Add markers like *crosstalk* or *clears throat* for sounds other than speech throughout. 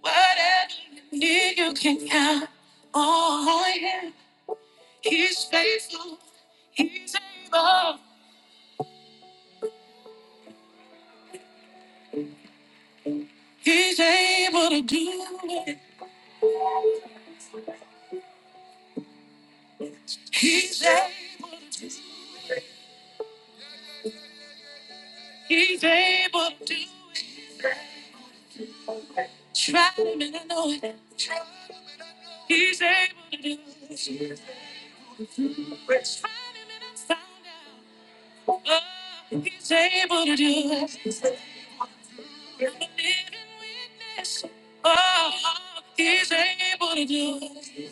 Whatever you need, you can count on him. He's faithful. He's able. He's able to do it. He's able. He's able to do it. Try him and I know it. He's able to do it. Try him and I found out. Oh, he's able to do it. I'm a living witness. Oh, he's able to do it.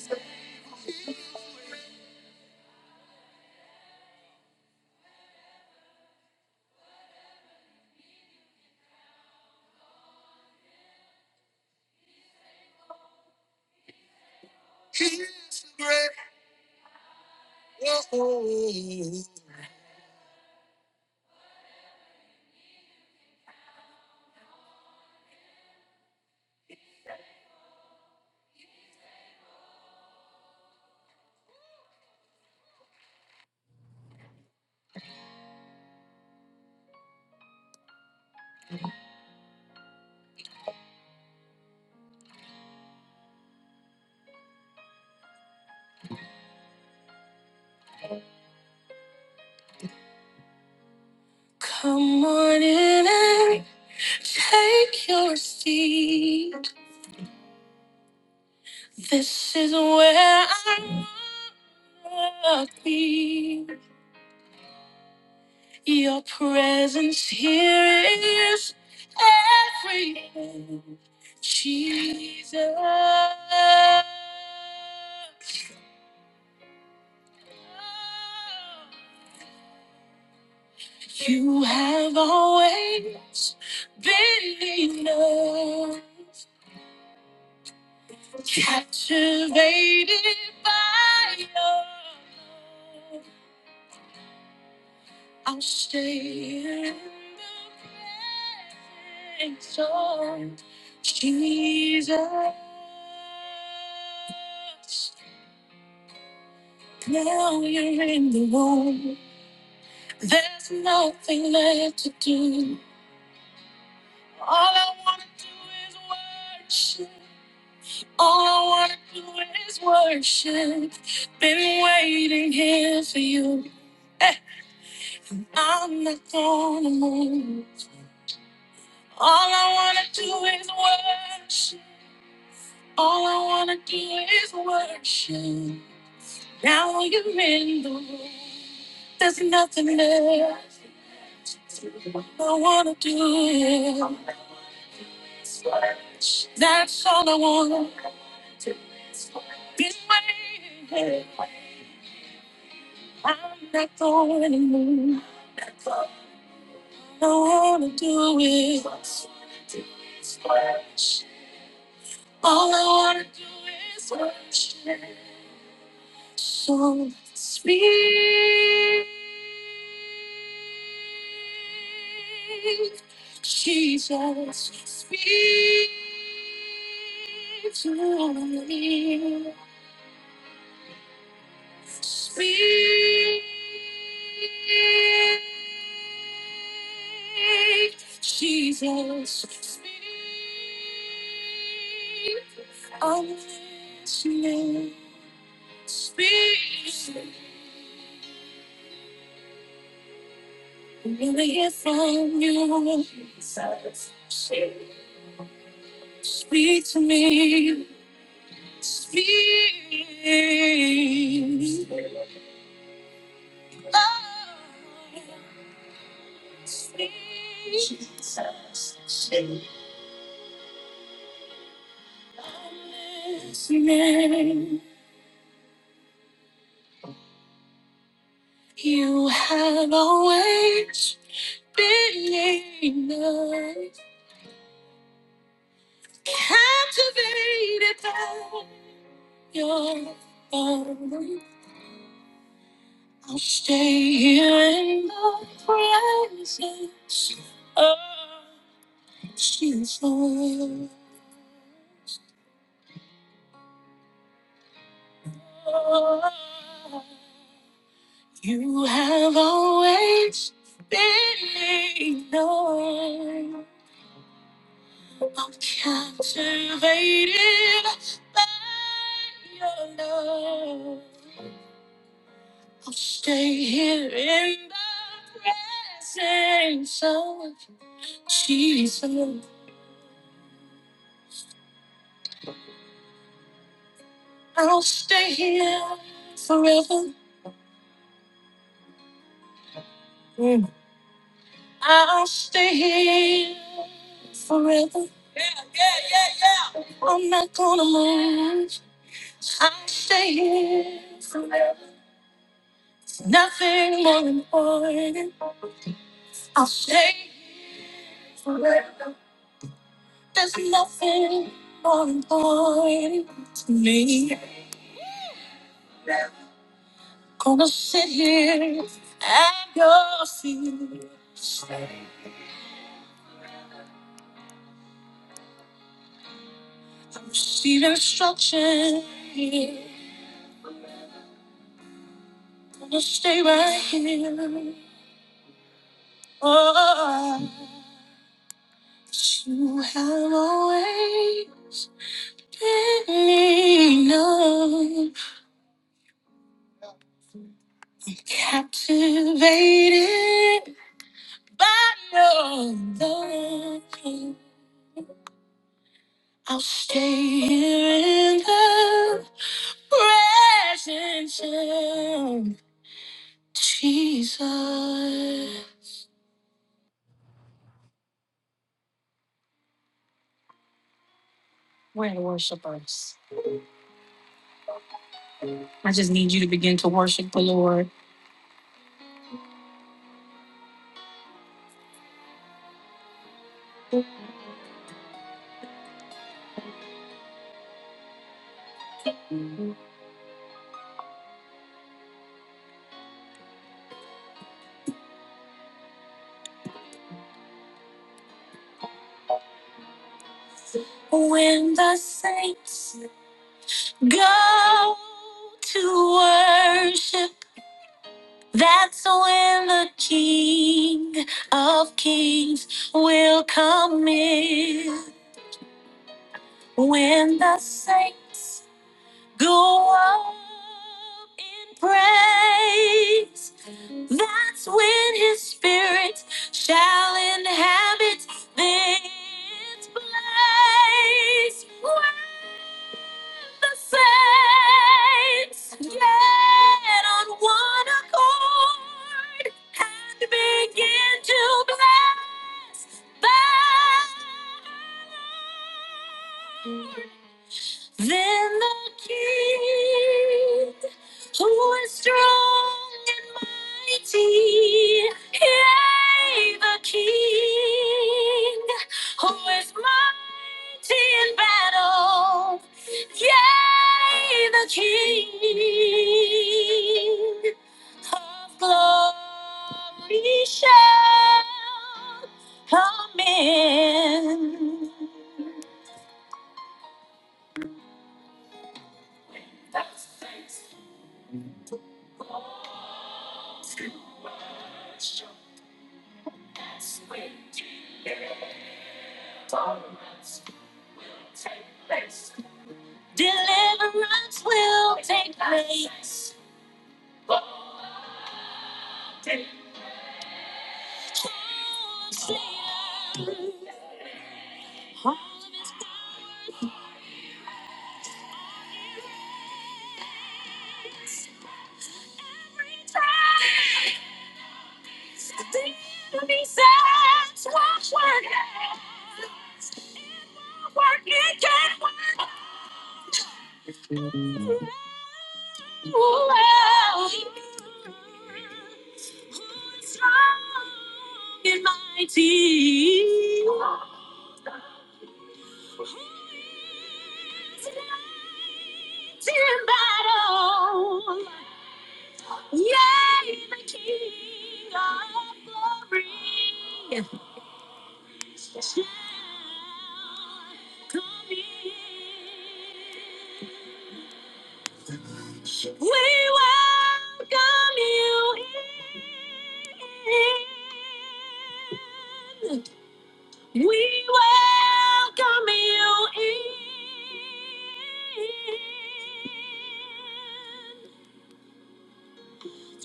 Come on in and. Take your seat. This is where I want to be. Your presence here is everything, Jesus. You have always been enough. Captivated by your love, I'll stay in the presence of Jesus. Now you're in the room. There's nothing left to do. All I wanna do is worship. All I wanna do is worship. Been waiting here for you. I'm not gonna move. All I wanna do is worship. All I wanna do is worship. Now you're in the room. There's nothing else I wanna do. is worship. That's all I wanna do. is worship. I'm not going to move. don't wanna do is all I wanna do is worship. So speak, Jesus, speak to me. Speak, Jesus. Speak, I'm listening. Speak, I'm gonna hear from you. Jesus. Speak to me. Speak. Oh, speak. Jesus. listening. You have always been enough. Captivated by your love. I'll stay here in the presence of Jesus. You have always been enough. I'm captivated by your love. I'll stay here in the presence of Jesus. I'll stay here forever. Mm. I'll stay here forever. Yeah, yeah, yeah, yeah. I'm not gonna move. I'll stay here forever. Nothing more important. I'll stay here forever. There's nothing more important to me. Gonna sit here at your feet. Receive instruction. Gonna stay right here. Oh, you have always been enough. Captivated by your love. I'll stay here in the presence of Jesus. When the saints go to worship, that's when the King of Kings will come in. When the saints go up in praise. That's when his spirit shall inhabit this place when the saints get on one accord and begin to bless the Lord. Then the King, who is strong and mighty, yea, the King, who is mighty in battle, yea, the King of glory shall come in. Deliverance will come. See you. All of his powers. Every time. The enemy says, watch work. it is. It won't work. It can't work. Who is strong and mighty? Who is fighting battle? Yeah, the King of Glory. shall Come in, we welcome you in. We welcome you in.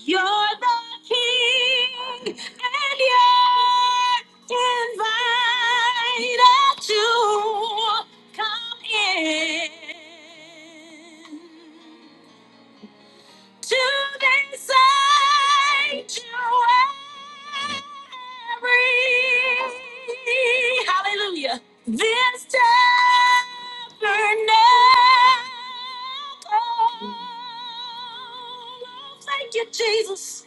You're the king, and you're invited to come in to this sanctuary. Hallelujah. This tabernacle. Thank you, Jesus.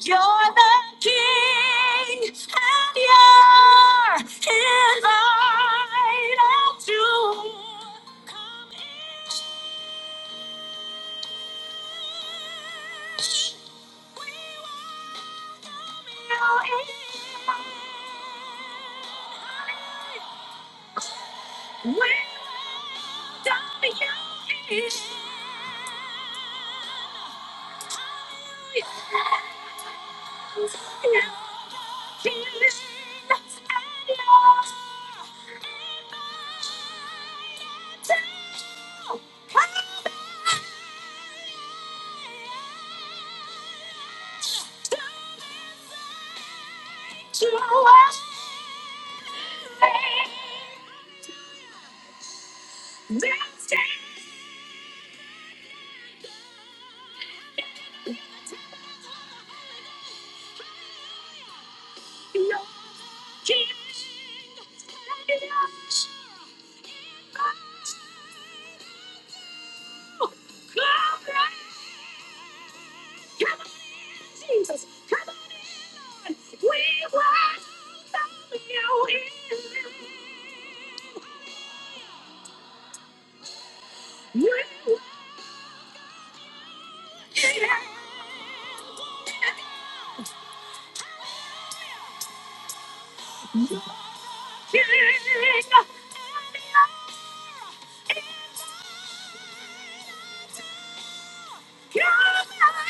You're the King, and you're invited to come in. King, and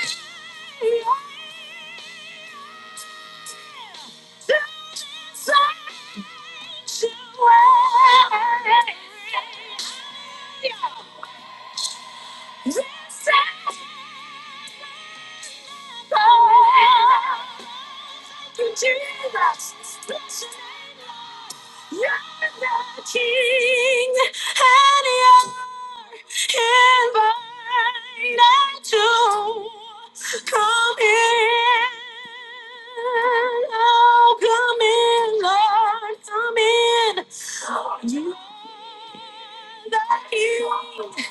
you're Yeah. come in. Lord, come in. You are the King.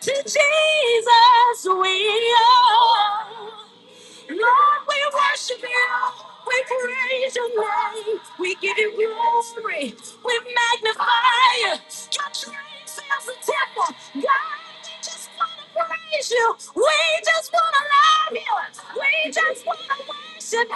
To Jesus we owe. Lord, we worship you. We praise Lord. We give you glory. We magnify you. Your praise fills the temple. God, we just want to praise you. We just want to love you. We just to worship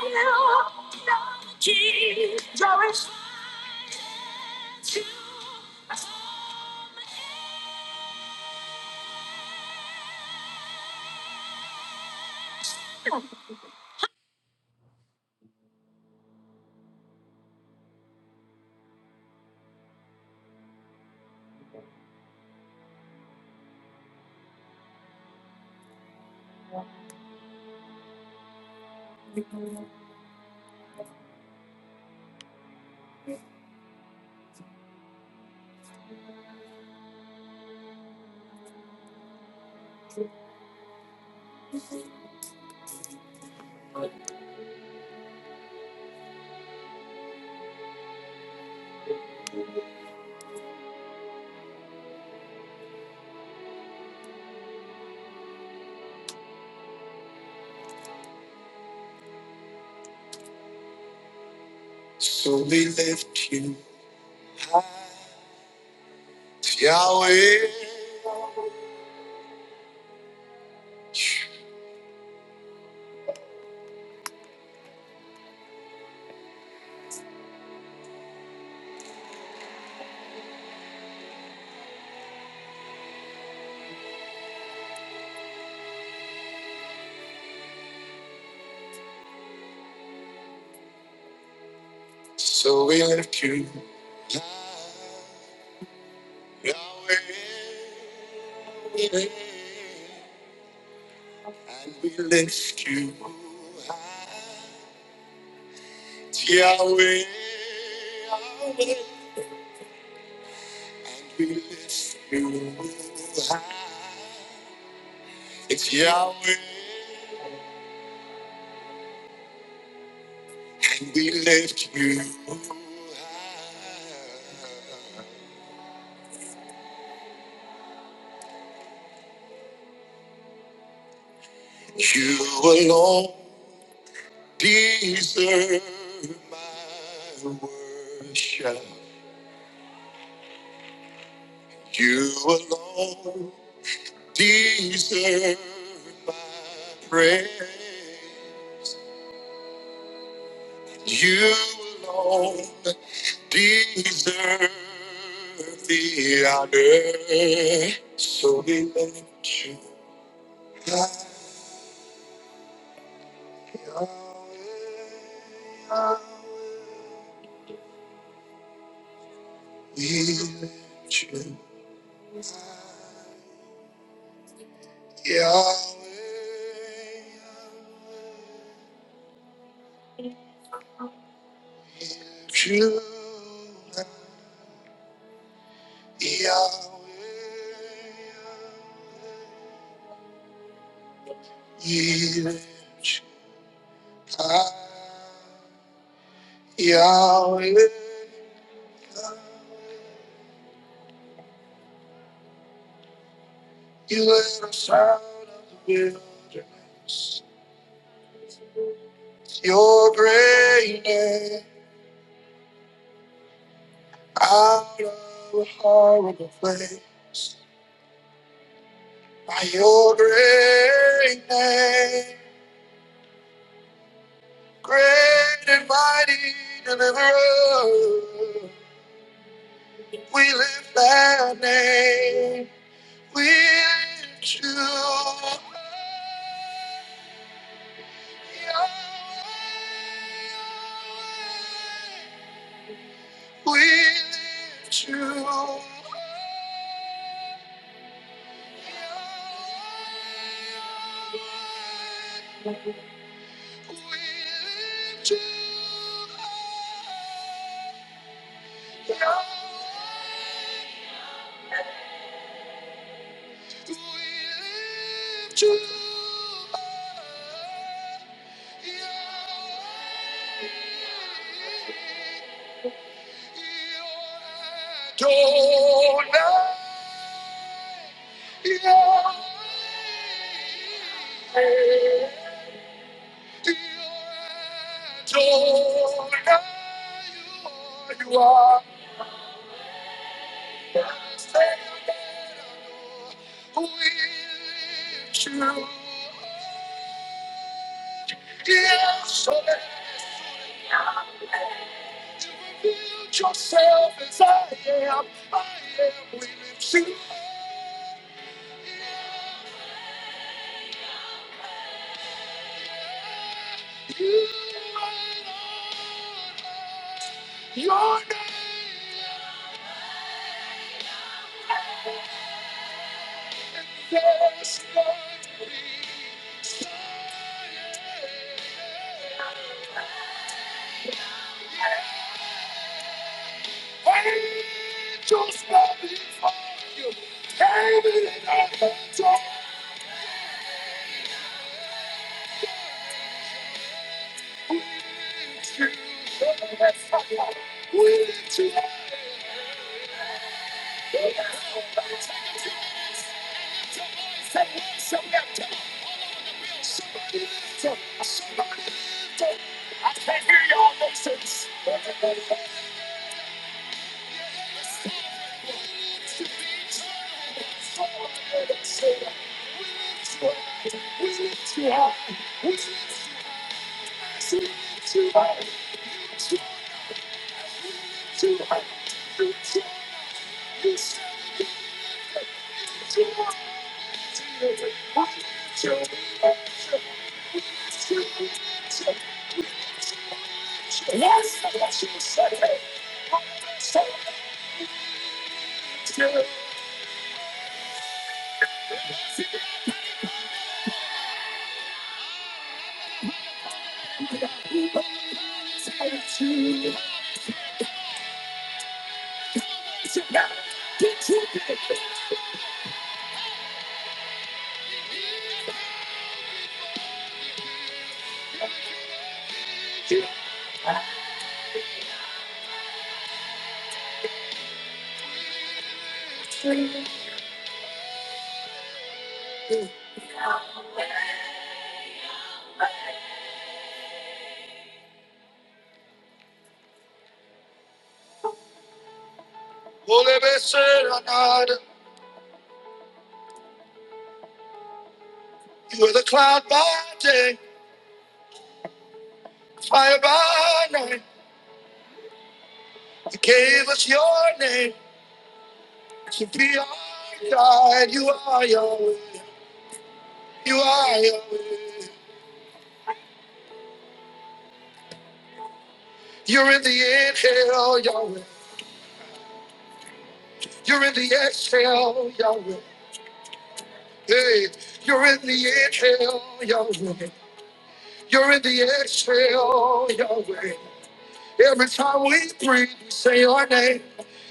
you.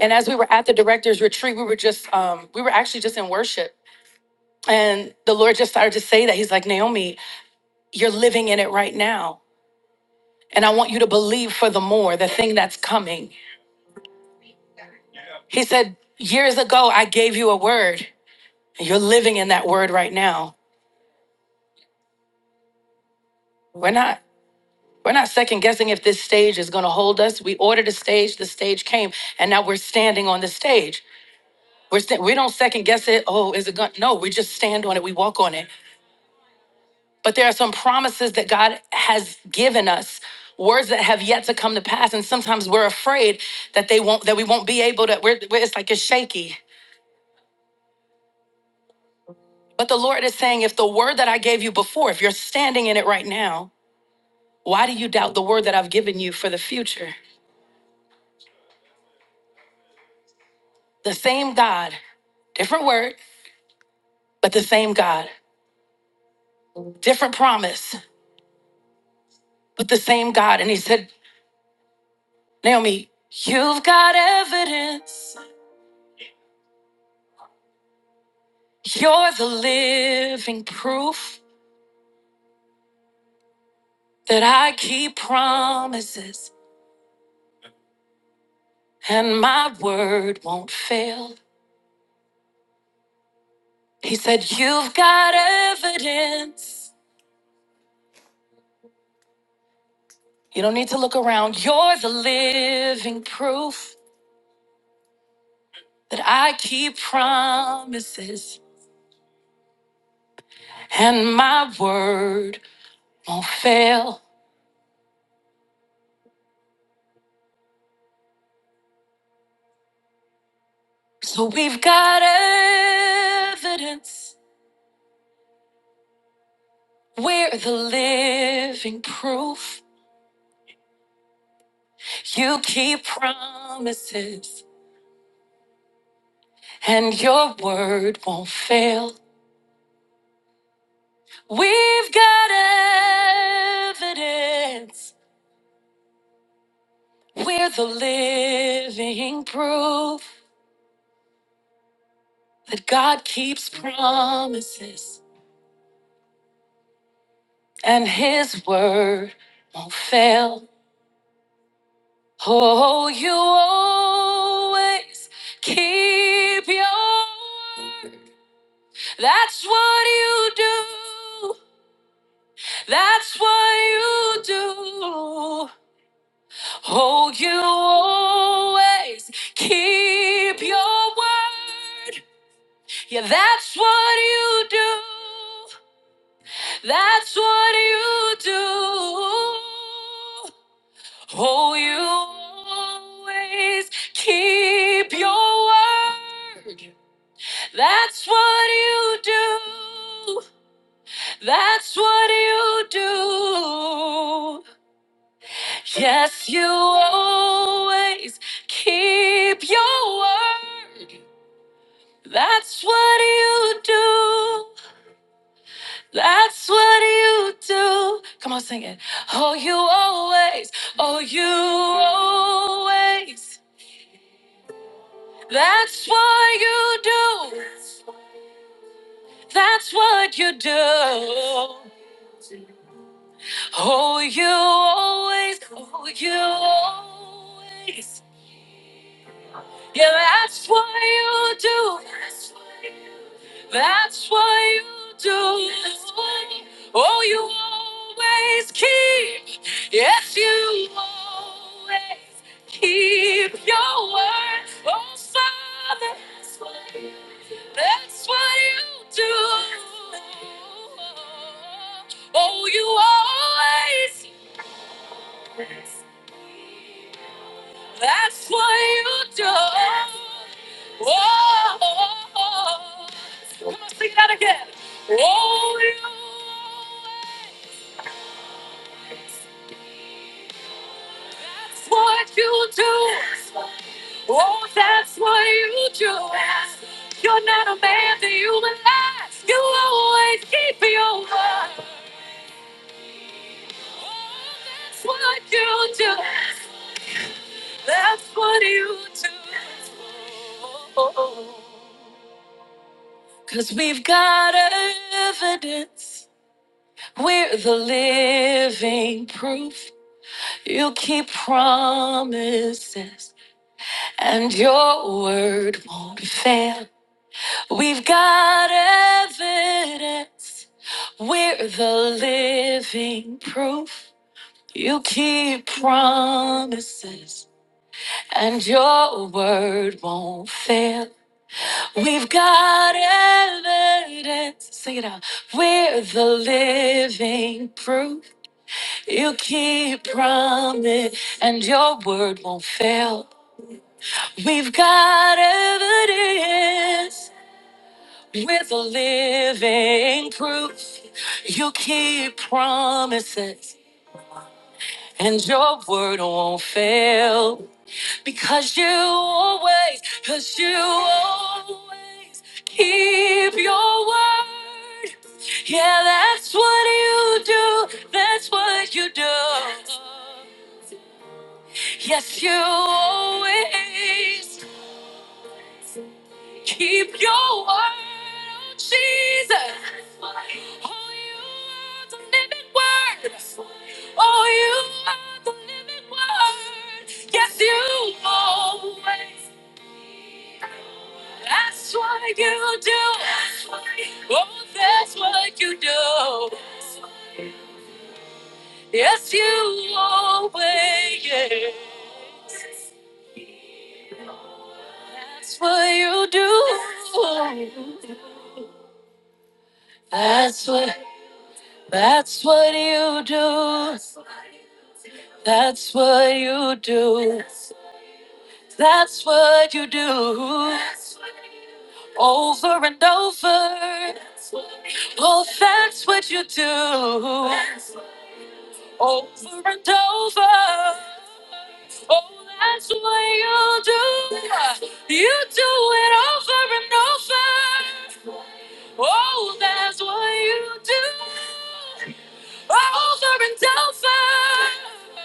And as we were at the director's retreat, we were just, um, we were actually just in worship. And the Lord just started to say that. He's like, Naomi, you're living in it right now. And I want you to believe for the more, the thing that's coming. He said, Years ago, I gave you a word, and you're living in that word right now. We're not. We're not second guessing if this stage is going to hold us. We ordered a stage, the stage came, and now we're standing on the stage. We're st- we don't second guess it. Oh, is it going? No, we just stand on it. We walk on it. But there are some promises that God has given us, words that have yet to come to pass, and sometimes we're afraid that they won't, that we won't be able to. We're, we're- it's like it's shaky. But the Lord is saying, if the word that I gave you before, if you're standing in it right now, why do you doubt the word that I've given you for the future? The same God, different word, but the same God, different promise, but the same God. And He said, Naomi, you've got evidence. You're the living proof. that I keep promises and my word won't fail. He said, You've got evidence. You don't need to look around. You're the living proof that I keep promises and my word won't fail. So we've got evidence. We're the living proof. You keep promises and your word won't fail. We've got evidence. We're the living proof that God keeps promises and his word won't fail. Oh, you always keep your word. That's what you do. That's what you do. Oh, you always keep your word. Yeah, that's what you do. That's what you do. Oh, you always keep your word. That's what you do. That's what you do. Yes, you always keep your word. That's what you do. That's what you do. Come on, sing it. Oh, you always, oh, you always. That's what you do. That's what you do. Oh, you always, oh, you always. Yeah, that's what you do. That's what you do. Oh, you always keep. Yes, you always keep your word. Oh, Father. That's what you do. Oh, you always. That's what you do. Oh, I'm gonna sing that again. Oh, you. That's what you do. Oh, that's what you do. You're not a man that you will lie. You always keep your word. Oh, that's what you do. That's what you do. Cause we've got, we're the living proof. You keep promises, and your word won't fail. We've got evidence. We're the living proof. You keep promises, and your word won't fail. We've got evidence. Sing it out. We're the living proof. You keep promise and your word won't fail. We've got evidence. We're the living proof. You keep promises and your word won't fail. Because you always, because you always keep your word. Yeah, that's what you do. That's what you do. Yes, you always keep your word, oh Jesus. Oh, you are the living word. Oh, you are the living word. Yes, you always. That's what you do. Oh, that's what you do. Yes, you always. yeah. That's what you do. That's what. That's what you do. That's what you do. That's what you do. Over and over. Oh, that's what you do. over and over. Oh, that's what you do. You do it over and over. Oh, that's what you do. Over and over.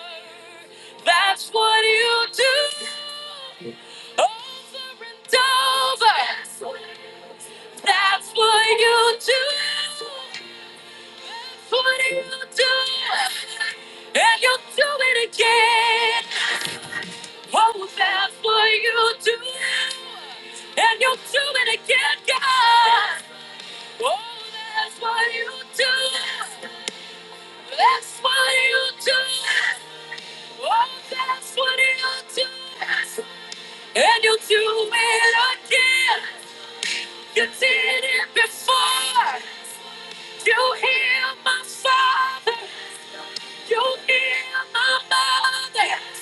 That's what you do. Over and over. That's what you do. What do you do? it, And you'll do it again. Oh, that's what you do. And you'll do it again, God. Oh, that's what you do. That's what you do. Oh, that's what you do. And you'll do it again. You did it before. You hear my father. You hear my mother.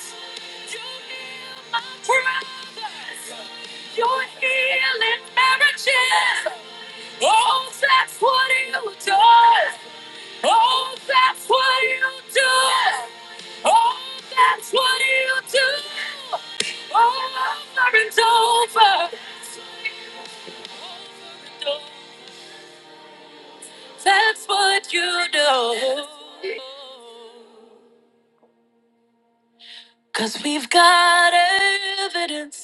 You heal my brothers. You healing marriages. Oh, that's what you do. Oh, that's what you do. Oh, that's what you do. Over and over. Cause we've got evidence.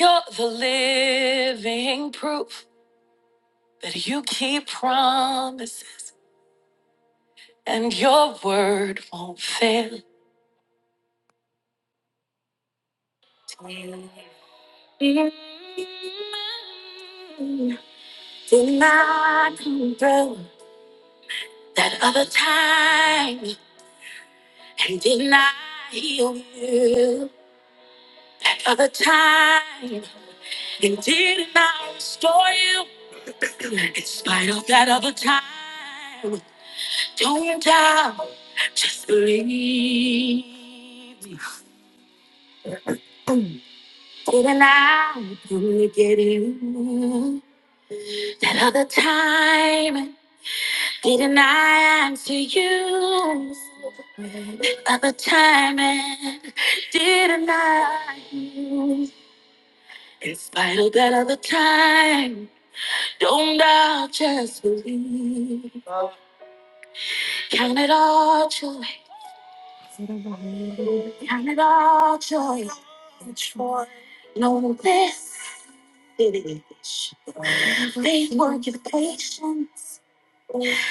You're the living proof that you keep promises and your word won't fail. Did not come through that other time and did not heal you that other time and did not restore you in spite of that other time. Don't doubt, just believe. Did not come to get you that other time Didn't I answer you Of the time and didn't I you? In spite of that other time, don't doubt, just believe. Count it all joy, count it all joy. Joy. Know this, it is. Faith worketh patience,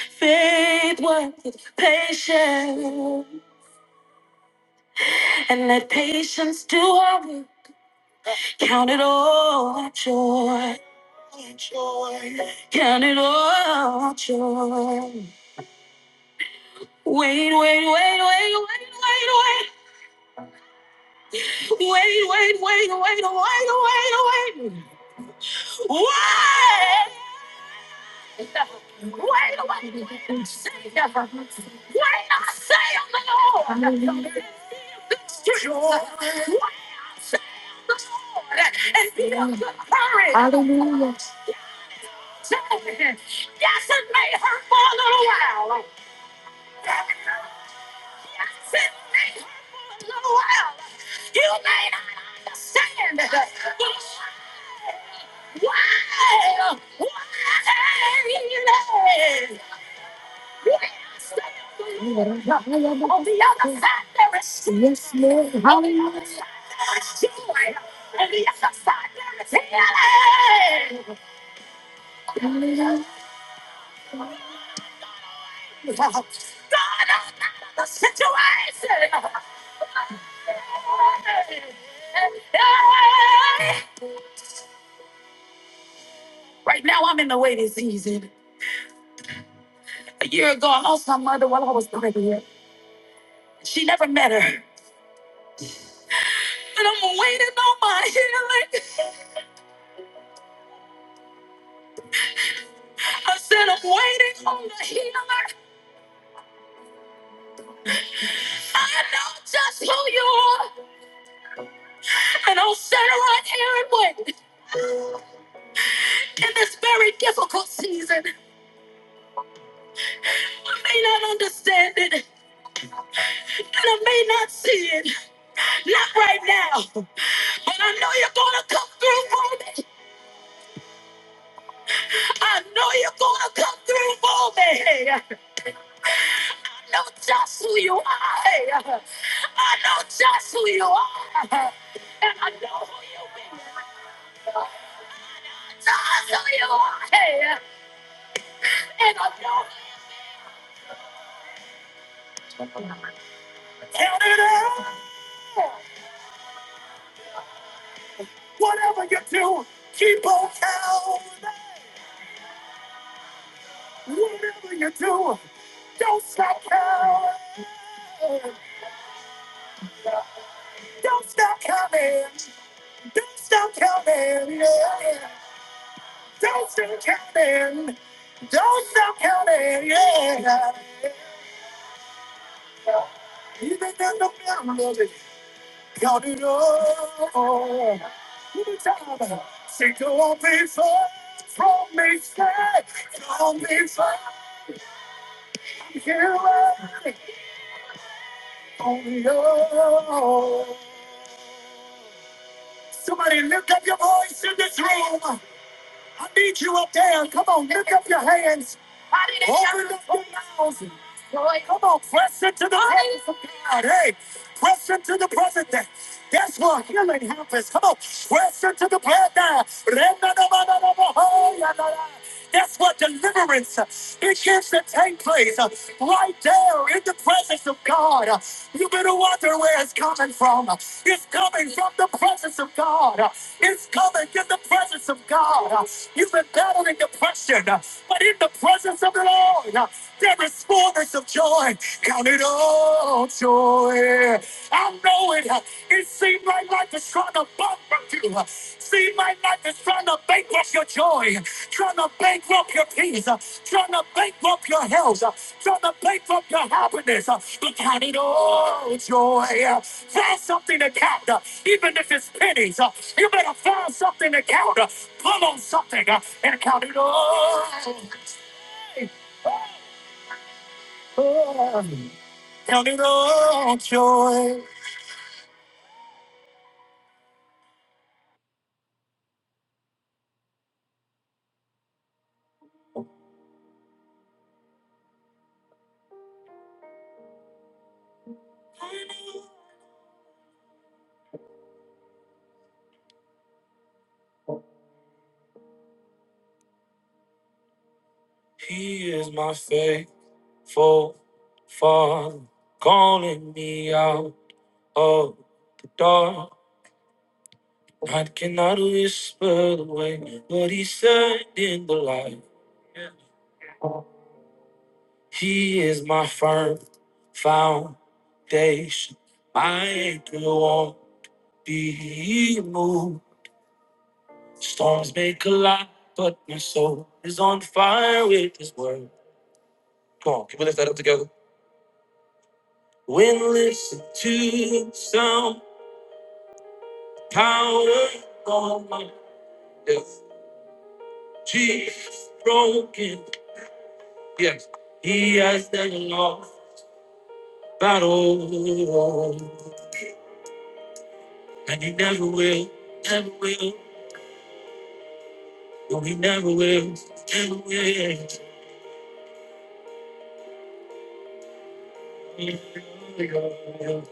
faith worketh patience. And let patience do our work. Count it all joy. joy. Count it all joy. Wait, wait, wait, wait, wait, wait, wait, wait, wait, wait, wait, wait, wait, wait, wait. Wait, wait, wait. And I'll sit right here and wait in this very difficult season. I may not understand it, and I may not see it, not right now. But I know you're gonna come through for me. I know you're gonna come through for me. of just who you are. That's what deliverance begins to take place right there in the presence of God. You better wonder where it's coming from. It's coming from the presence of God. It's coming in the presence of God. You've been battling depression, but in the presence of the Lord, there is fullness of joy. Count it all joy. I know it. It seemed like life is trying to bump me He is my faithful father, calling me out of the dark. Night cannot whisper the way, but he said in the light. He is my firm foundation. My anchor won't be moved. Storms may collide, but my soul is on fire with his word. Come on, can we lift that up together? When listen to sound Power on my death. Jesus broken. Yes, he has the lost battle. And he never will, never will. No, he never will, never will. Never will. He has the lost battle.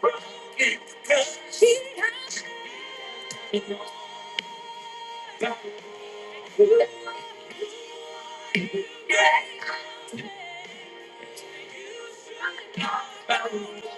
Broken. He has the lost battle.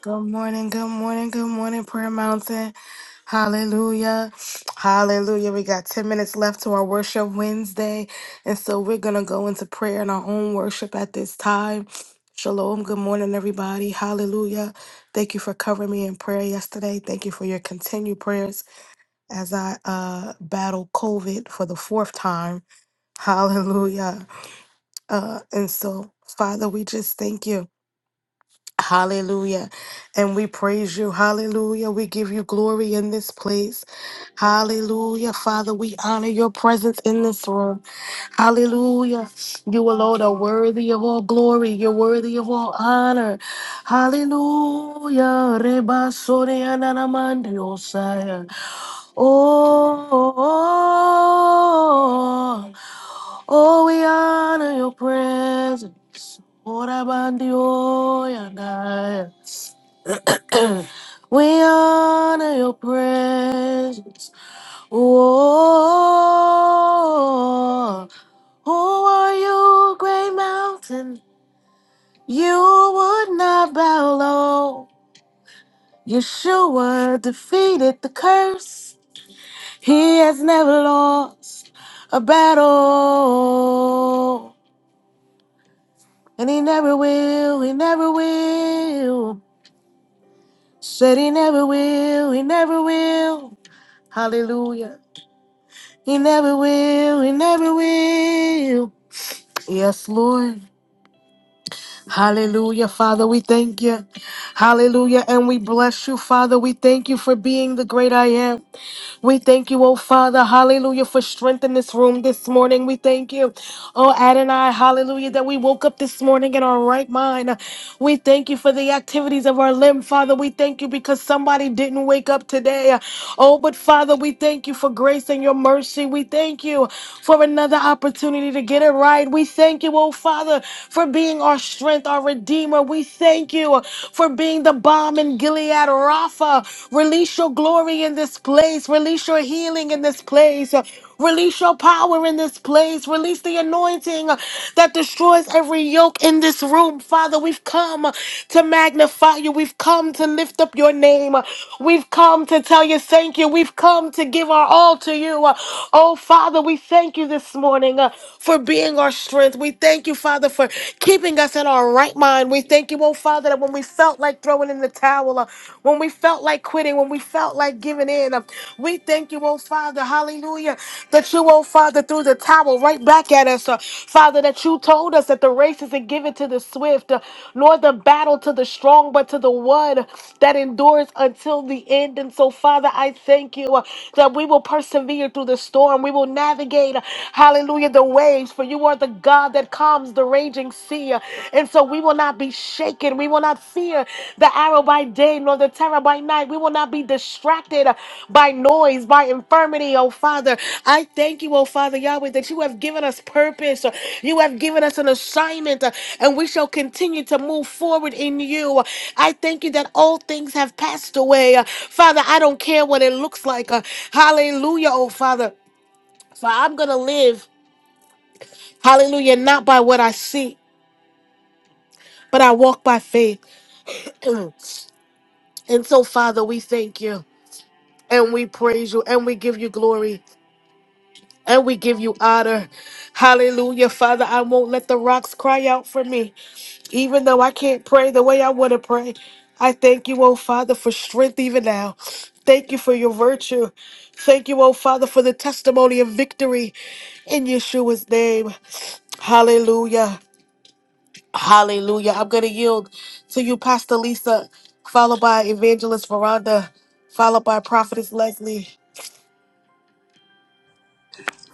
Good morning, good morning, good morning, Prayer Mountain. Hallelujah. Hallelujah. We got 10 minutes left to our worship Wednesday. And so we're going to go into prayer and our own worship at this time. Shalom. Good morning, everybody. Hallelujah. Thank you for covering me in prayer yesterday. Thank you for your continued prayers as I uh, battle COVID for the fourth time. Hallelujah. Uh, and so, Father, we just thank you. Hallelujah. And we praise you. Hallelujah. We give you glory in this place. Hallelujah. Father, we honor your presence in this room. Hallelujah. You alone are worthy of all glory. You're worthy of all honor. Hallelujah. Reba sore ananamande osaya. oh. Oh, we honor your presence. Orabandioy and I. *clears throat* We honor your presence. Oh, who are you, great mountain? You would not bow low. Yeshua defeated the curse. He has never lost a battle. And he never will, he never will. Said he never will, he never will. Hallelujah. He never will, he never will. Yes, Lord. Hallelujah, Father, we thank you. Hallelujah, and we bless you, Father. We thank you for being the great I am. We thank you, oh Father, hallelujah, for strength in this room this morning. We thank you, oh Adonai, hallelujah, that we woke up this morning in our right mind. We thank you for the activities of our limb, Father. We thank you because somebody didn't wake up today. Oh, but Father, we thank you for grace and your mercy. We thank you for another opportunity to get it right. We thank you, oh Father, for being our strength, our Redeemer. We thank you for being the bomb in Gilead. Gilead Rapha. Release your glory in this place. Release your healing in this place. Release your power in this place. Release the anointing that destroys every yoke in this room. Father, we've come to magnify you. We've come to lift up your name. We've come to tell you thank you. We've come to give our all to you. Oh, Father, we thank you this morning uh, for being our strength. We thank you, Father, for keeping us in our right mind done. We thank you, oh Father, that when we felt like throwing in the towel, uh, when we felt like quitting, when we felt like giving in, uh, we thank you, oh Father, hallelujah, that you, oh Father, threw the towel right back at us. uh, Father, that you told us that the race isn't given to the swift, uh, nor the battle to the strong, but to the one that endures until the end. And so, Father, I thank you uh, that we will persevere through the storm. We will navigate, uh, hallelujah, the waves, for you are the God that calms the raging sea. And so we will not be shaken. We will not fear the arrow by day nor the terror by night. We will not be distracted by noise, by infirmity, oh Father. I thank you, oh Father Yahweh, that you have given us purpose. You have given us an assignment, and we shall continue to move forward in you. I thank you that all things have passed away. Father, I don't care what it looks like. Hallelujah, oh Father. So I'm going to live Hallelujah. Not by what I see, but I walk by faith. *clears throat* and so, Father, we thank you and we praise you and we give you glory and we give you honor. Hallelujah. Father, I won't let the rocks cry out for me, even though I can't pray the way I want to pray. I thank you, oh Father, for strength even now. Thank you for your virtue. Thank you, oh Father, for the testimony of victory in Yeshua's name. Hallelujah. Hallelujah. I'm going to yield to you, Pastor Lisa, followed by Evangelist Veranda, followed by Prophetess Leslie.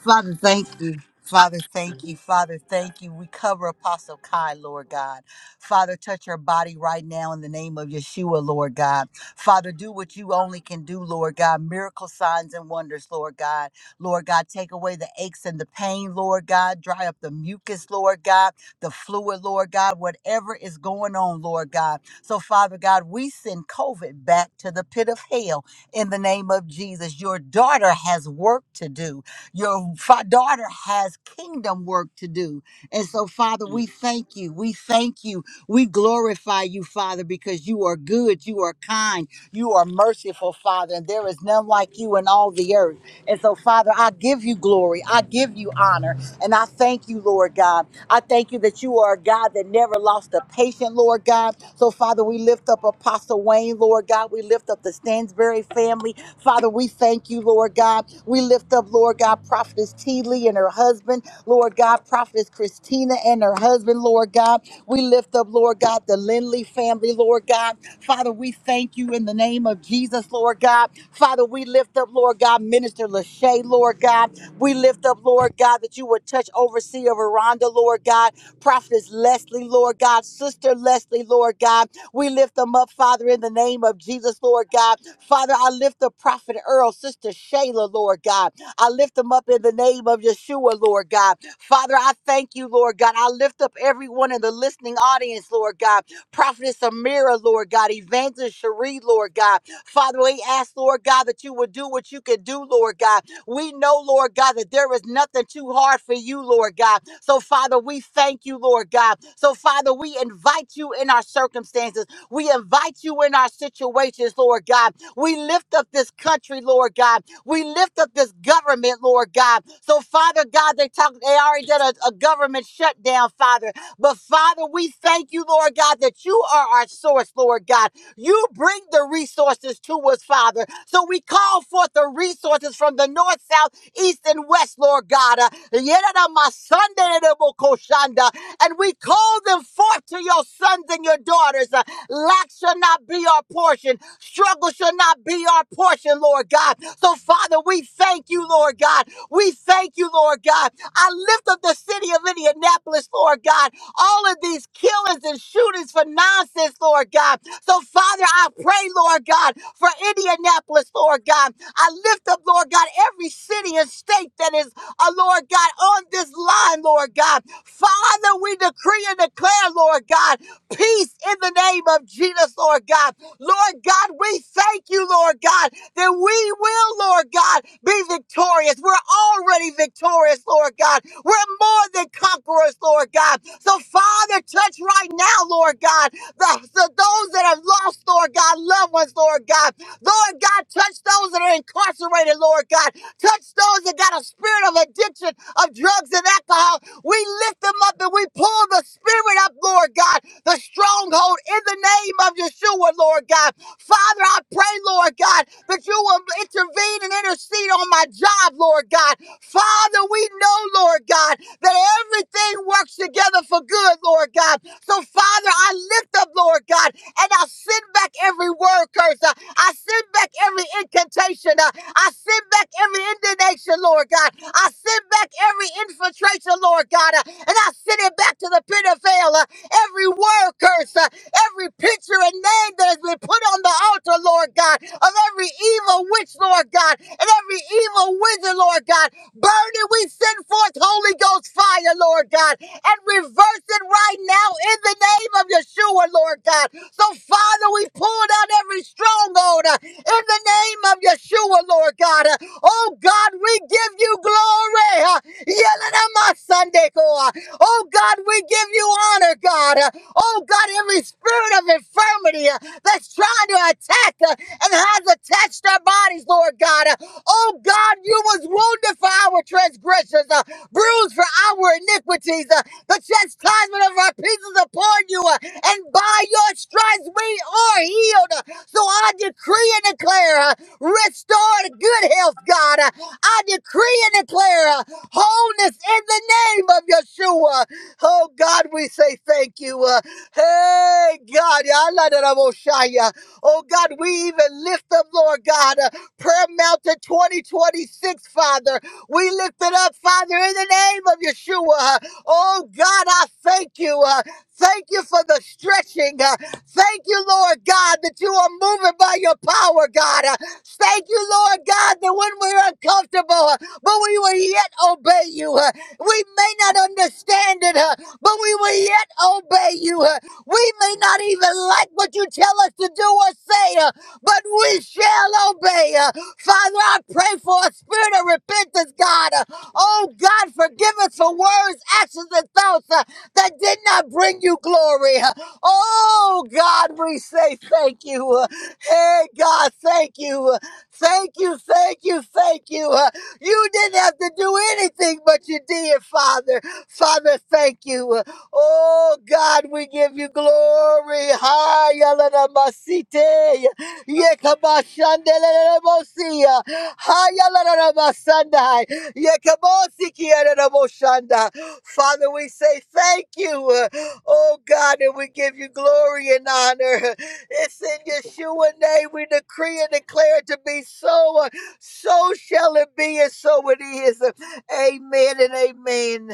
Father, thank you. Father, thank you. Father, thank you. We cover Apostle Kai, Lord God. Father, touch her body right now in the name of Yeshua, Lord God. Father, do what you only can do, Lord God. Miracle signs and wonders, Lord God. Lord God, take away the aches and the pain, Lord God. Dry up the mucus, Lord God. The fluid, Lord God. Whatever is going on, Lord God. So, Father God, we send COVID back to the pit of hell in the name of Jesus. Your daughter has work to do. Your fa- daughter has kingdom work to do. And so, Father, we thank you. We thank you. We glorify you, Father, because you are good, you are kind, you are merciful, Father, and there is none like you in all the earth. And so, Father, I give you glory, I give you honor, and I thank you, Lord God. I thank you that you are a God that never lost a patient, Lord God. So, Father, we lift up Apostle Wayne, Lord God. We lift up the Stansbury family. Father, we thank you, Lord God. We lift up, Lord God, Prophetess T. Lee and her husband, Lord God, Prophetess Christina and her husband, Lord God. We lift up, Lord God, the Lindley family, Lord God. Father, we thank you in the name of Jesus, Lord God. Father, we lift up, Lord God, Minister Lachey, Lord God. We lift up, Lord God, that you would touch overseer Veranda, Lord God. Prophetess Leslie, Lord God. Sister Leslie, Lord God. We lift them up, Father, in the name of Jesus, Lord God. Father, I lift the prophet Earl, Sister Shayla, Lord God. I lift them up in the name of Yeshua, Lord God. Father, I thank you, Lord God. I lift up everyone in the listening audience, Lord God. Prophetess Amira, Lord God. Evangelist Cherie, Lord God. Father, we ask, Lord God, that you would do what you could do, Lord God. We know, Lord God, that there is nothing too hard for you, Lord God. So, Father, we thank you, Lord God. So, Father, we invite you in our circumstances. We invite you in our situations, Lord God. We lift up this country, Lord God. We lift up this government, Lord God. So, Father God, they talk, they already did a, a government shutdown, Father. But Father, we thank you, Lord God, that you are our source, Lord God. You bring the resources to us, Father. So we call forth the resources from the north, south, east, and west, Lord God. Uh, Yeranamasanderebokoshanda. And we call them forth to your sons and your daughters. Uh, Lack shall not be our portion. Struggle shall not be our portion, Lord God. So, Father, we thank you, Lord God. We thank you, Lord God. I lift up the city of Indianapolis, Lord God all of these killings and shootings for nonsense, Lord God. So, Father, I pray, Lord God, for Indianapolis, Lord God. I lift up, Lord God, every city and state that is, uh, Lord God, on this line, Lord God. Father, we decree and declare, Lord God, peace in the name of Jesus, Lord God. Lord God, we thank you, Lord God, that we will, Lord God, be victorious. We're already victorious, Lord God. We're more than conquerors, Lord God. So, Father, touch right now, Lord God, the, the, those that have lost, Lord God, loved ones, Lord God. Lord God, touch those that are incarcerated, Lord God. Touch those that got a spirit of addiction of drugs and alcohol. We lift them up and we pull the spirit up, Lord God, the stronghold in the name of Yeshua, Lord God. Father, I pray, Lord God, that you will intervene and intercede on my job, Lord God. Father, we know, Lord God, that everything works together for good, Lord God. So, Father, I lift up, Lord God, and I send back every word curse. I send back every incantation. uh, I send back every indignation, Lord God. I send back every infiltration, Lord God. uh, And I send it back to the pit of hell. uh, Every word curse, uh, every picture and name that has been put on the altar, Lord God, of every evil witch, Lord God, and every evil wizard, Lord God. Burn it, we send forth Holy Ghost fire, Lord God and reverse it right now in the name of Yeshua, Lord God. So, Father, we pull down every stronghold uh, in the name of Yeshua, Lord God. Uh, Oh, God, we give you glory. uh, Yelenamasandekoa. Oh, God, we give you honor, God. Uh, Oh, God, every spirit of infirmity uh, that's trying to attack uh, and has attached our bodies, Lord God. Uh, Oh, God, you was wounded for our transgressions, uh, bruised for our iniquities. Uh, the chastisement of our peace is upon you, uh, and by your stripes we are healed. Uh, So I decree and declare, uh, restore good health, God. Uh, I decree and declare uh, wholeness in the name of Yeshua. Oh God, we say thank you. Uh, Hey God, Yalla da da bo shaya. oh God, we even lift up, Lord God, uh, Prayer Mountain 2026, Father. We lift it up, Father, in the name of Yeshua. Oh God, I thank you. Uh, thank you for the stretching. Uh, thank you, Lord God, that you are moving by your power, God. Uh, thank you, Lord God, that when we're uncomfortable, uh, but we will yet obey you. Uh, we may not understand it, uh, but we will yet obey you. Uh, we may not even like what you tell us to do or say, uh, but we shall obey. Uh, Father, I pray for a spirit of repentance, God. uh, Oh God, forgive us for words, actions, and thoughts uh, that did not bring you glory. Oh God, we say thank you. Hey God, thank you. Thank you, thank you, thank you. You didn't have to do anything, but you did, Father. Father, thank you. Oh God, we give you glory. Hi, yalalamasite. Yekamashandelemosia. Hi, yalalamasandai. Yekabosikiyaneraboshanda. Father, we say thank you, uh, oh God, and we give you glory and honor. It's in Yeshua name we decree and declare it to be so. uh, So shall it be, and so it is. Amen and amen.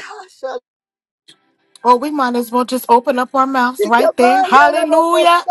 Well, we might as well just open up our mouths right there. Hallelujah.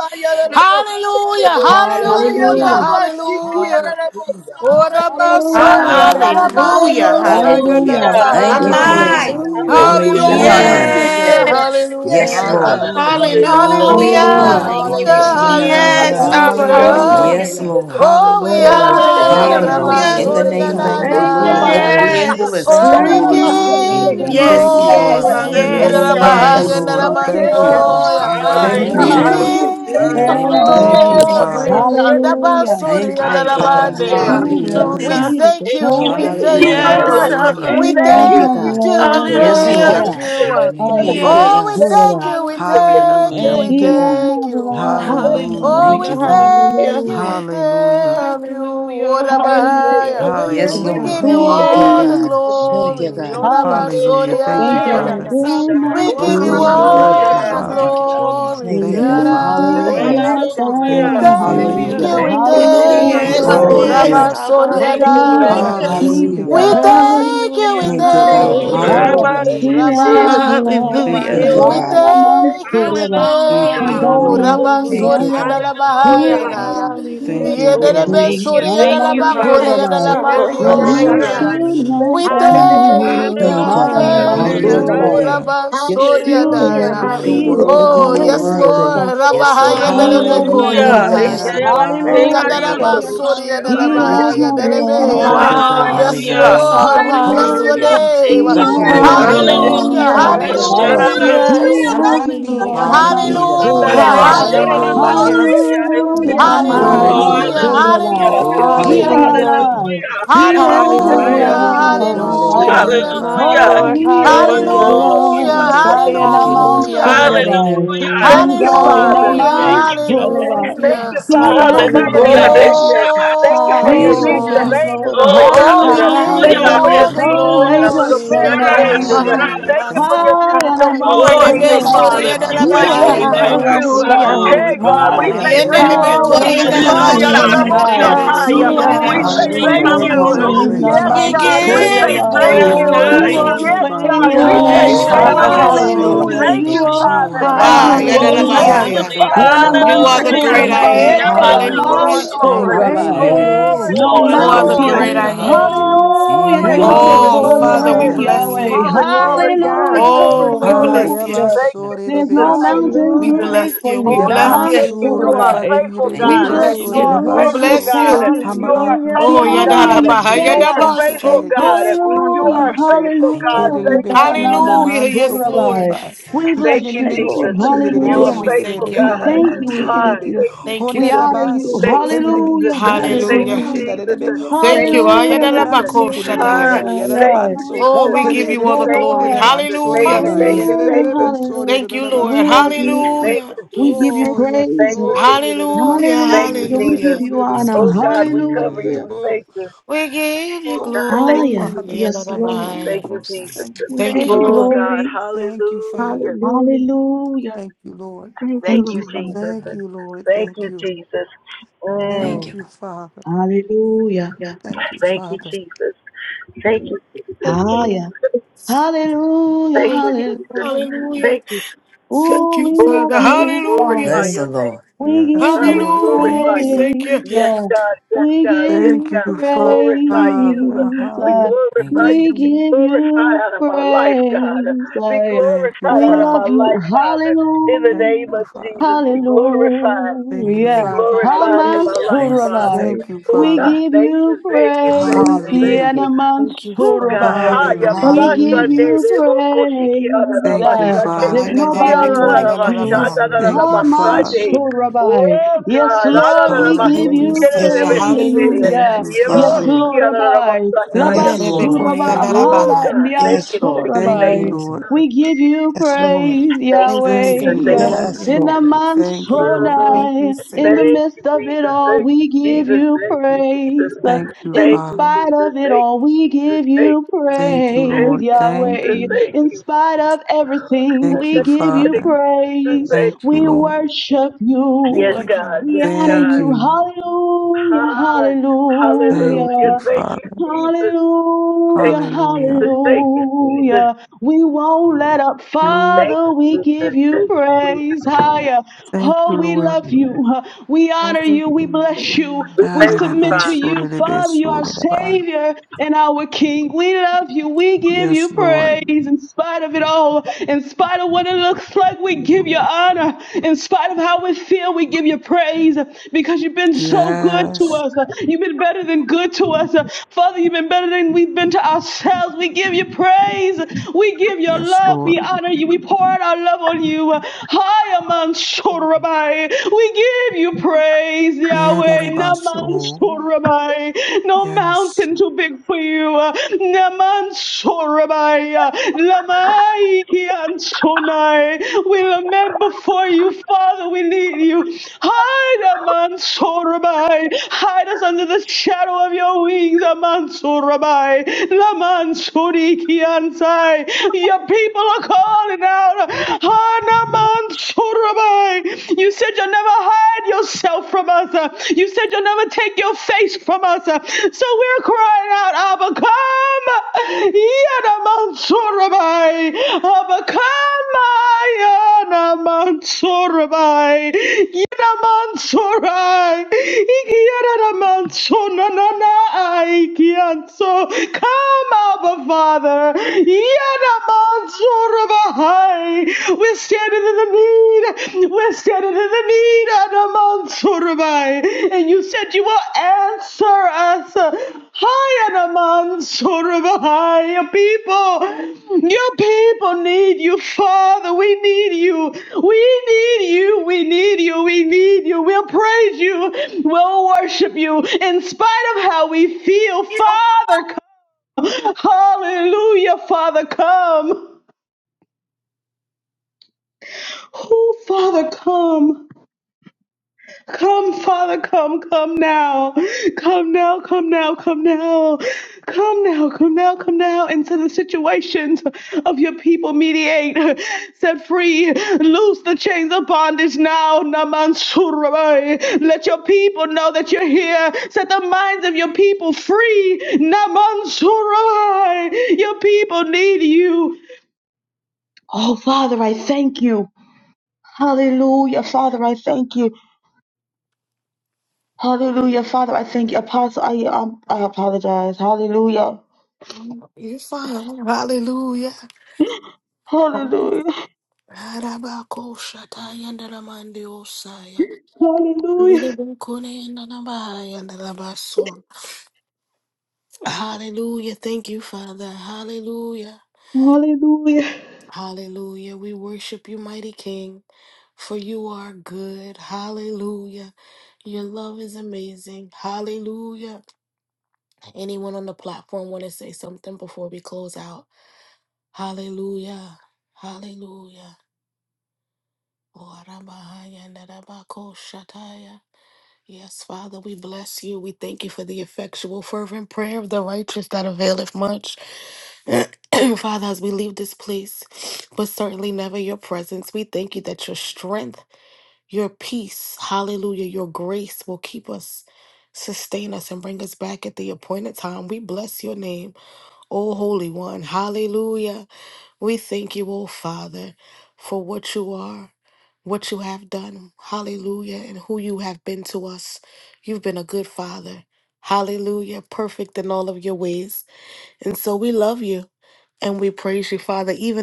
Hallelujah. Hallelujah. Hallelujah. Hallelujah. Yababa Hallelujah. Hallelujah. Ora Thank you, Praise Hallelujah. basoria na God. na God, Thank you, Jesus. Hallelujah. Hallelujah. banyo, Hallelujah. hallelujah, saya na na Hallelujah. Hallelujah. Hallelujah. Oh, My Thank you, Yes, bahaya. Hallelujah, Lord. Jesus. mind. God. hallelujah, Hallelujah. Hallelujah. Hallelujah. Hallelujah. Hallelujah. Thank you. Hallelujah. Yes. Yes, Hallelujah. Thank Lord. you. Hallelujah. Hallelujah. Thank you. Hallelujah. Hallelujah. Hallelujah. Thank Hallelujah, you, Hallelujah. Yahweh. Hallelujah. Yes, God. Ikosandabaha. Abba. Hallelujah. Thank you, Jesus. Thank Hallelujah. you, hallelujah. Hallelujah. hallelujah. Yes, Hallelujah. Jesus. Lord. Oh, Oh, we Oh, Hallelujah. yes, honor hallelujah, you, God. Heal, Father. Lord. Hallelujah. In the Hallelujah. Rabasuri name and Hallelujah. of Oh, Hallelujah. Thank you, Jesus. Thank my you, Lord. Set Anaya. free Sarah, and dear Yes. Who Thank deliverance. Oh, you, Sarah. we thank are Lord. you, you, In Jesus. give you great Hallelujah. Yes, Thank Jesus' you, name. Oh, Lord. yes, glory. yes, mountain? Thank I hallelujah. Thank you, Hallelujah. Yerabahaya am yes. a and you. Lord. Oh, yes, Thank you. God. Oh, Masurabah. my Ramandioya. Thank Then mind. you, Thank We Ikosandabahaya. you you. Hallelujah. Thank Lord. should you, not In the Victoria, Jesus. give you name of my the Oh, Lord Thank you, soul, yes, bow. Abba. Jesus. Father. glory. yes. Hallelujah. Hallelujah. Yerabasuri Thank you, and Thank you, Jesus. God. Rabande. Hallelujah. Hallelujah. Yeshua, Thank Hallelujah. the We Hallelujah. Hallelujah. feet is the thank you. Thank you, We curse. Yahweh. thank Jesus. Thank Hallelujah. Hallelujah. you. you, Yes, uh, Lord. Hallelujah. Abba. Hallelujah. we He Thank Thank has you. Thank you, you, never God. thank you. We Yes, Oh, lost. Thank you, Hallelujah. thank Higher. Lord. God. you. In the uh, I hallelujah. name am of a Jesus. Thank you, Jesus. oh, we God. Yes. Thank thank Masurabah. you. We you, Jesus. Hallelujah. thank you. Hallelujah. Thank We Thank Mm. you, you, He has Jesus. God. thank you. never uh, Thank you, Jesus. Hallelujah. oh, lost. Thank Hallelujah, we you, Lord. Thank hallelujah, thank you, you. Hallelujah. We Jesus. Hallelujah. thank you. hallelujah, Oh, Thank Hallelujah. you, Rabahaya. Jesus. Oh, hallelujah. Yes, yes, We Lord. God. Hallelujah. give you Who are Thank you, all the Yes, you? God. In the Thank glory. name you, of God. Oh, Jesus. I am. Hallelujah. Oh, Thank you, Thank Thank you, yes, you, Thank Hallelujah. Rabasoriana. you, God. Lord. yes, Father. Great Jesus. Abba, Osandaba. We Oh, give Yes, my, you my, Thank you, Lord, my, we my, mountain I hallelujah, my. am Sharamasoya thank You're a you, all the about to sinner. see Father. Thank you, it. rabaya. Lord God. Jesus. glory. that Thank you, Thank Thank you, you. God. you Father. should Oh, Hey, Hallelujah. God. yes, not Thank God. you. We Thank you, Hallelujah. Do thank Thank it, you. you. thank Jesus. you, follow. hallelujah. Hallelujah. Thank we Thank you, you. Oh, thank Jesus. God. Yes, Hallelujah. you, Osandaba. Thank Iremasoya Thank yes, you. you. Rabba Hallelujah. Hallelujah. Abba, Thank masinesh. Thank you, you. hallelujah, Thank Lord. Soriadaya. Yeshua you. Yes, Lord. defeated Hallelujah. the Hallelujah. We curse. thank you, we hallelujah, Thank you, Thank God. Thank you, you, thank Ora hallelujah, Thank Lord. you, Higher, Jesus. Hallelujah. Thank you, you, he Jesus. Father. hasn't rabasinesh. Thank Rabba. Thank you, lost. Thank hallelujah. you, We Lord. I God. am a Abayoya. you. thank you, we Yes, Mansuraba. My, Lord. Thank A thank you, my, Hallelujah. Abba, you. Lord. Hallelujah. Rabba battle, Thank hallelujah, Sori you, and no. Thank God. you. Who Thank Thank you. you, Alabahaya Hallelujah. are Naya. Jesus. you, great Thank Thank you. you, hallelujah. Oh, Get an Yedelebe Lord. thank mountain? you, emotion. Sori Not and a thank Oh, you, my, my, Alabakori my, Father. and my. Yes, Mansuraba. Yeah, God, Abba, yeah, When Higher God, you yeah, hallelujah, God. Alamanioya. emotion. should Shurushaya. Hallelujah. Thank not We you. bow Yeah. Thank Hallelujah. thank low. you. Thank you. Thank you. you, Thank we I you, am a Hallelujah. God. thank Thank hallelujah, Hallelujah. you. you. Resaya Mansuraba. Hallelujah. Rabba Sori and rushiresh. Thank Hallelujah. Yeshua Naya. You're Hallelujah. defeated Hallelujah. the you. hallelujah, worthy, Oh, Abba. you're yes, Thank you. worthy. curse. Lord. Yes, Oh, Rabahaya Haya Lord. He Oh, Oh, Delebe God. Hallelujah. has yes, never Kori Hallelujah. hallelujah. God. and Yes, Naya. lost. Lord. Thank Rekiayabasera you, Hallelujah. Ikadaraba Hallelujah. Jesus. Sori and He Hallelujah. Do liandorosherabaya. it, Hallelujah! has Alabahaya never Jesus. Thank you, Thank Oh, lost. Delebeya. Lord. you, God. My Hallelujah! Yes, hallelujah. yes, Hallelujah. Abba, Lord, we bless Hona your Hallelujah! hallelujah. Hallelujah. name. Thank He you, Bless your has nzuri Thank name, Father. you, never God. Hallelujah! bakona Jesus. Hallelujah, Hallelujah. Hallelujah. lost. era Hallelujah. Higher. hallelujah. Hallelujah. Esharabaso. He Yes, Hallelujah! has never yamandi lost. hallelujah. also Namans Yes, kore Hallelujah. Lord. Hallelujah, basi Oh, Rabbi. kalala hallelujah, Hallelujah. Hallelujah. hallelujah! Mandareresharabasekiaya. Hallelujah. Hallelujah. My Yes, Hallelujah. Lord, my, Oh, we Namans Hallelujah! Hallelujah. hallelujah, thank you. Rabbi. We hallelujah. Glory to He thank hallelujah, your you. Hallelujah. name. We Hallelujah. thank you. anamai. Hallelujah. Hey, He has never Har Messiah. Hallelujah. hallelujah, yere lost. beso Higher. Hallelujah. nere hallelujah, My ba Hallelujah. Oh, Thank Lord. you, he You're Jesus. has my Hallelujah. never glory, hallelujah, lost. Higher. Thank you, Lord. Namans hallelujah, rebe. Hallelujah. Rabbi. Hallelujah. Hallelujah. Thank Oh He's you, Father, always you're Father. Mm, hallelujah, worthy. Hallelujah. Namans Thank Thank you, you, Lord. And We Yahweh. thank Rabbi. Hallelujah. Thank you. you, hallelujah. Yes, He Both Father, Abba, We for in has the thank covering never you, and Hallelujah. hallelujah. behind. Father. protecting. lost. Thank you for your We Jesus, Thank Reshabasire. you, bless legion of Hallelujah. Oh, you, Father. angels Lord. of Oh, oh, protection. we Uh, give Hallelujah. Thank you you hallelujah. for your all Hallelujah. the Hallelujah. legion Oh, of we Rekula angels bless of glory. your masera Jesus, ministry My Yodelabaha, angels. Jesus, Uh, my. name. Hallelujah. Thank rashira. you for Thank your yodelabashi. you. High legion and of amongst warring Oh, Father Orebe Thank angels, Hallelujah. you, thank you, Lord. suri, Jesus, Hurabai, Father. he thank you, goes We under you Hallelujah. say yodelabahaya, thank have you. never thank Hallelujah. Bahaya. you. lost a uh, Hallelujah. yodelabani, Abasiora battle. Glory, Hey, They God, glory, we goes High, rabaya. say under Oh, you thank hallelujah. Yenderebe Bahaya, yes, you. uh, you God. always can Hallelujah. You're Yeah. say the Haya de Hallelujah. worthy of la win. koriyandelabashata, Bahaya. all Mosa High, glory, yenderebe worthy Haya. of you Rekiamandore all He We Hallelujah. Baba honor, say suriyandelabanda. reshere always Oh, thank Hallelujah. Bahaya, yes. you. worthy he of uh, all goes rabaso. win. praise. under Hallelujah. Yes, Father, We we Oh, Amongst the God, thank we yes, goes give you. say Thank you God. under. you, thank Hurabai, you. Ramanana uh, We you Adonai. Hallelujah. thank you, glory. Yes, yarabakiti. Father. always God, we Hallelujah. say Glory win. Yes, Oh, to Reshere yes, thank your Abba. you. God. Hallelujah. Ayalamosha- name, uh, Oh, rabasore Jesus, Hallelujah, Hallelujah. Thank Ayalamosha- the you you, reshe. Oh, Bahaya. Father. always Thank ah, hallelujah. you. Oh, win. yes, Oh, Thank Hallelujah. Ayalamoshanda. you, High, God. yadarabahaya. holy, Thank you, Father. you Father. are Mm. the Glory. Thank great you, hallelujah. I Thank Oh, you. am. Jesus. Yanamansurabai, glory, Hallelujah. glory, Hallelujah. Rekiamandoroshe. glory. Thank you, Thank you, Amansurabai. Hallelujah. Father. Glory, Lord. No Oh, glory, You Thank Jesus, are you, the mountain hallelujah. glory. great I Hallelujah, Jesus. am. hallelujah. Hallelujah, Glory, too Thank big you, glory, Jesus, Oh, he Lord. for Hallelujah, goes Father, glory. we you, under bless you. Bahaya. Yahweh. Glory, hallelujah. glory, Yay, Thank you. glory, Hallelujah, God. glory, Yes, Oh, we Hallelujah. glory. bless you. hallelujah. Thank you, There's Jesus. no Thank you, mountain We too Jesus. Hallelujah. big bless for you. We Oh, you. thank you, Lord. bless God, Daman you. thank you. Yamansur You are Hallelujah. a Sorabai. faithful, Rebakire de Thank We you, We God. Jesus. bless bless Besur You you. you, are a We Lord. Hallelujah. faithful, We Rabasu bless God. thank you. you. You are a Hallelujah. We Oh, faithful, honor Hamansu you. God. Thank you, de You're Lord. yadarabahaya, You are a faithful. Lebekushita faithful, yadabaso. Thank you, God. You Hallelujah, Jesus. are a Mansu faithful, Thank God. you, Lord. Thank Herelebe you, hallelujah. Sunana Naman Jesus. Hallelujah. Manso Yes, Lord. Sorabai. Kureba We Thank Hitine bless you, you, Thank you, Jesus. Lord. Mensuku Yerebe Jesus. You Oh, are Hallelujah. we Hallelujah. faithful, thank Sutelebe you. We God. Kunana thank you. Hallelujah. Manso We Ah, thank Yerebe you. thank you, Thank you, We Honda Jesus. honor Father. Raba you. So Thank you, Hallelujah. Kenene Jesus. Hallelujah, Mensu Yes, Yerebe Thank Hallelujah. you, Lord. hallelujah. Kushita Jesus. Rebe Hallelujah. Thank Thank you. you, Hundelebe Hallelujah, Kandere Jesus. Mansu Kunerebe Ah, Ayadalabakoshataya. So hallelujah, Yerada thank yeah. you, Manso Oh, Jesus. we give Laban's Hallelujah. you all Herelebe the Thank you, glory. Torah, Kunere Jesus. Manso Thank Hallelujah. you, Thank Reba you, thank you, Hallelujah. hallelujah, thank you. Yerebe Jesus. Sore hallelujah. Thank you, Reba We Lord. love Sore you. Thank Hallelujah. you, We give you Jesus. Thank Oh, you, yes, praise. Thank Jesus. you, Lord. Jesus. Hallelujah. Thank you, Hallelujah. We give Jesus. Hallelujah. you Thank honor. you, Oh Lord God, we cover you. Jesus. Hallelujah. We thank you. We give you Oh Oh, oh, God, Ah, thank you, yeah. glory. Father, Jesus. Yes, thank Lord. you. Thank Yadalabaya. you, Go, son. Jesus. Thank you, We Thank give Father. you, Thank you you, Oh Lord. God, glory. Jesus. Thank you, Father. hallelujah. Hallelujah. Hallelujah. Thank you, Lord. Thank Thank you, Thank Lord. you, you, Father. Jesus. Thank you, Lord. Thank Thank you, you. Jesus. Thank Thank Mm. you, you, Lord. Father. Hallelujah. Yeah. Thank you, Thank you, Father. Jesus. Thank you, Thank you, Ah, yeah. Lord. Jesus. Hallelujah, Thank Thank you, you. Jesus. hallelujah. Hallelujah. Thank you. Thank Oh, you, we Oh love Father. God, we you, Hallelujah. glorify Bless Father. your the name. Lord. We Yes, give God, we you Lord. Hallelujah. Thank We glorify you. you. praise. thank you. Yes, uh, God, yes, We God, give yes, Thank you God, you, we Father. glorify you. praise. We uh, Thank you, glorify you. We Jesus. Be Hallelujah. give glorified you out of my life, God. praise. Be uh, Thank you, glorified We out of my love Father. you. life, Father. In the Thank Hallelujah. name you, of Jesus, Father. be glorified. Oh, Thank you, Hallelujah. Be yeah. Father. glorified in my Hallelujah. life, Yes, Lord. Father. Hamasurai. Thank you, Oh, We Father. God, give thank you, you thank you, thank you, praise. The thank Hallelujah. Hallelujah. you. Uga Anamansurabai. haya Hallelujah. We babasa give de Hallelujah. you lebo koshiki ara la praise. Thank you, uh, basate There's Father. nobody yara la la like Hallelujah. you. Yes, basada la la la Thank you, Haman, basade Father. Lord. Rabbi. oh Yes, God Yes, ara Lord, la la Lord. we give Thank you, basiki Hallelujah. you ara la Yes, Savior. Lord. basete Thank praise. you, Hallelujah. yema Yes, Yes, Father. Lord. koshiki Lord, ara la la Rabbi. basaya Thank Yes, you, O Lord. Lord. Labatsuraba Thank oh you. Erebekuriandarabaha. Hada, and God Yan thank Yes, you thank Lord. you Thank thank Rabbi. you, you Jesus. Lord. We give you Yes, Lord. praise, thank Thank you you, Yahweh. Thank Jesus you, Savior. thank yeah. you Thank Lord. Yes, you. In Lord. the Thank you, Lord. Mm, Thank you, Mansonai, in the Savior. Thank you, midst of it Jesus. all, Thank you, we give Jesus. you Thank you, Jesus. praise. Thank you, In Thank you, Father. spite Jesus. of it Thank you, all, we Jesus. give Thank you you, Jesus. Thank Thank you, you, God. Thank praise, Lord. you, Thank Jesus. Yahweh. you. Thank In you. spite of everything, God, Thank we you, Thank give you, you thank Father. you, Jesus. praise. Thank Thank you, We Lord. worship you. Yes, you. God. We Yes, honor Thank God. you. you. Hallelujah, Ah, Thank Hallelujah. you, hallelujah, Thank you, Father. Jesus. Thank hallelujah, you, Hallelujah. Jesus. Thank you, Jesus. hallelujah. We won't let up. Hallelujah. Thank Father, we you, give Jesus. you Thank you, praise Jesus. higher. Thank Oh, you, we love Lord. you. We honor you. We bless you. We We thank you, submit to Father. you, Father. You are Ah-da-da-ba-so-da-da-ba-so-da-da-ba. Savior and our King. We love you. We give you Yes, Lord. praise in spite of it all. In spite of what it looks like, we give you honor. In spite of how we feel, we give you praise because you've been so good to Yes. us. You've been better than good to us. Father, you've been better than we've been to ourselves. We give you praise. We give you Yes, love. We Lord. honor you. We pour out our love on you. Hi, Aman Shorabai. We give you praise, Yeah, Yahweh. Naman da-da-ba-so. Sorabai. No Yes. mountain too big for you. Naman Sorabai. Lamai Kian Sonai. We lament before you, Father. We need you. Hide, Aman Sorabai. Hide us under the shadow of your wings, Aman Sorabai. Laman Kian Sai. Your people are calling out. Hide Hanamansurabai. You said you'll never hide yourself from us. uh, You said you'll never take your face from us. uh, So we're crying out, Abba, come. Yanamansurabai. Abba, come. Yanamansurabai. Yanamansurai. Ikiyanamansonanana. Ikiyanso. Come, Abba, Father. Yanamansurabai. Adamansurabahai. We're standing in the need. We're standing in the need. Adamansurabahai. And you said you will answer us. Hi, Adamansurabahai. Your people, your people need you, Father. We need you. We need you. We need you. We need you. We'll praise you. We'll worship you in spite of how we feel, Father. Hallelujah, Father, come. Oh, Father, come. Come, Father, come, come now. Come now, come now, come now. Come now, come now, come now into the situations of your people. Mediate, set free, loose the chains of bondage now. Namansurabai. Let your people know that you're here. Set the minds of your people free. Namansurabai. Your people need you. Oh, Father, I thank you. Hallelujah. Father, I thank you. Hallelujah. Father, I thank you. Apostle, I, um, I apologize. Hallelujah. You're fine. Hallelujah. Hallelujah. Arabakoshatayandaramandiosaya. Hallelujah. Lidebekoreandarabahayandarabaso. Hallelujah.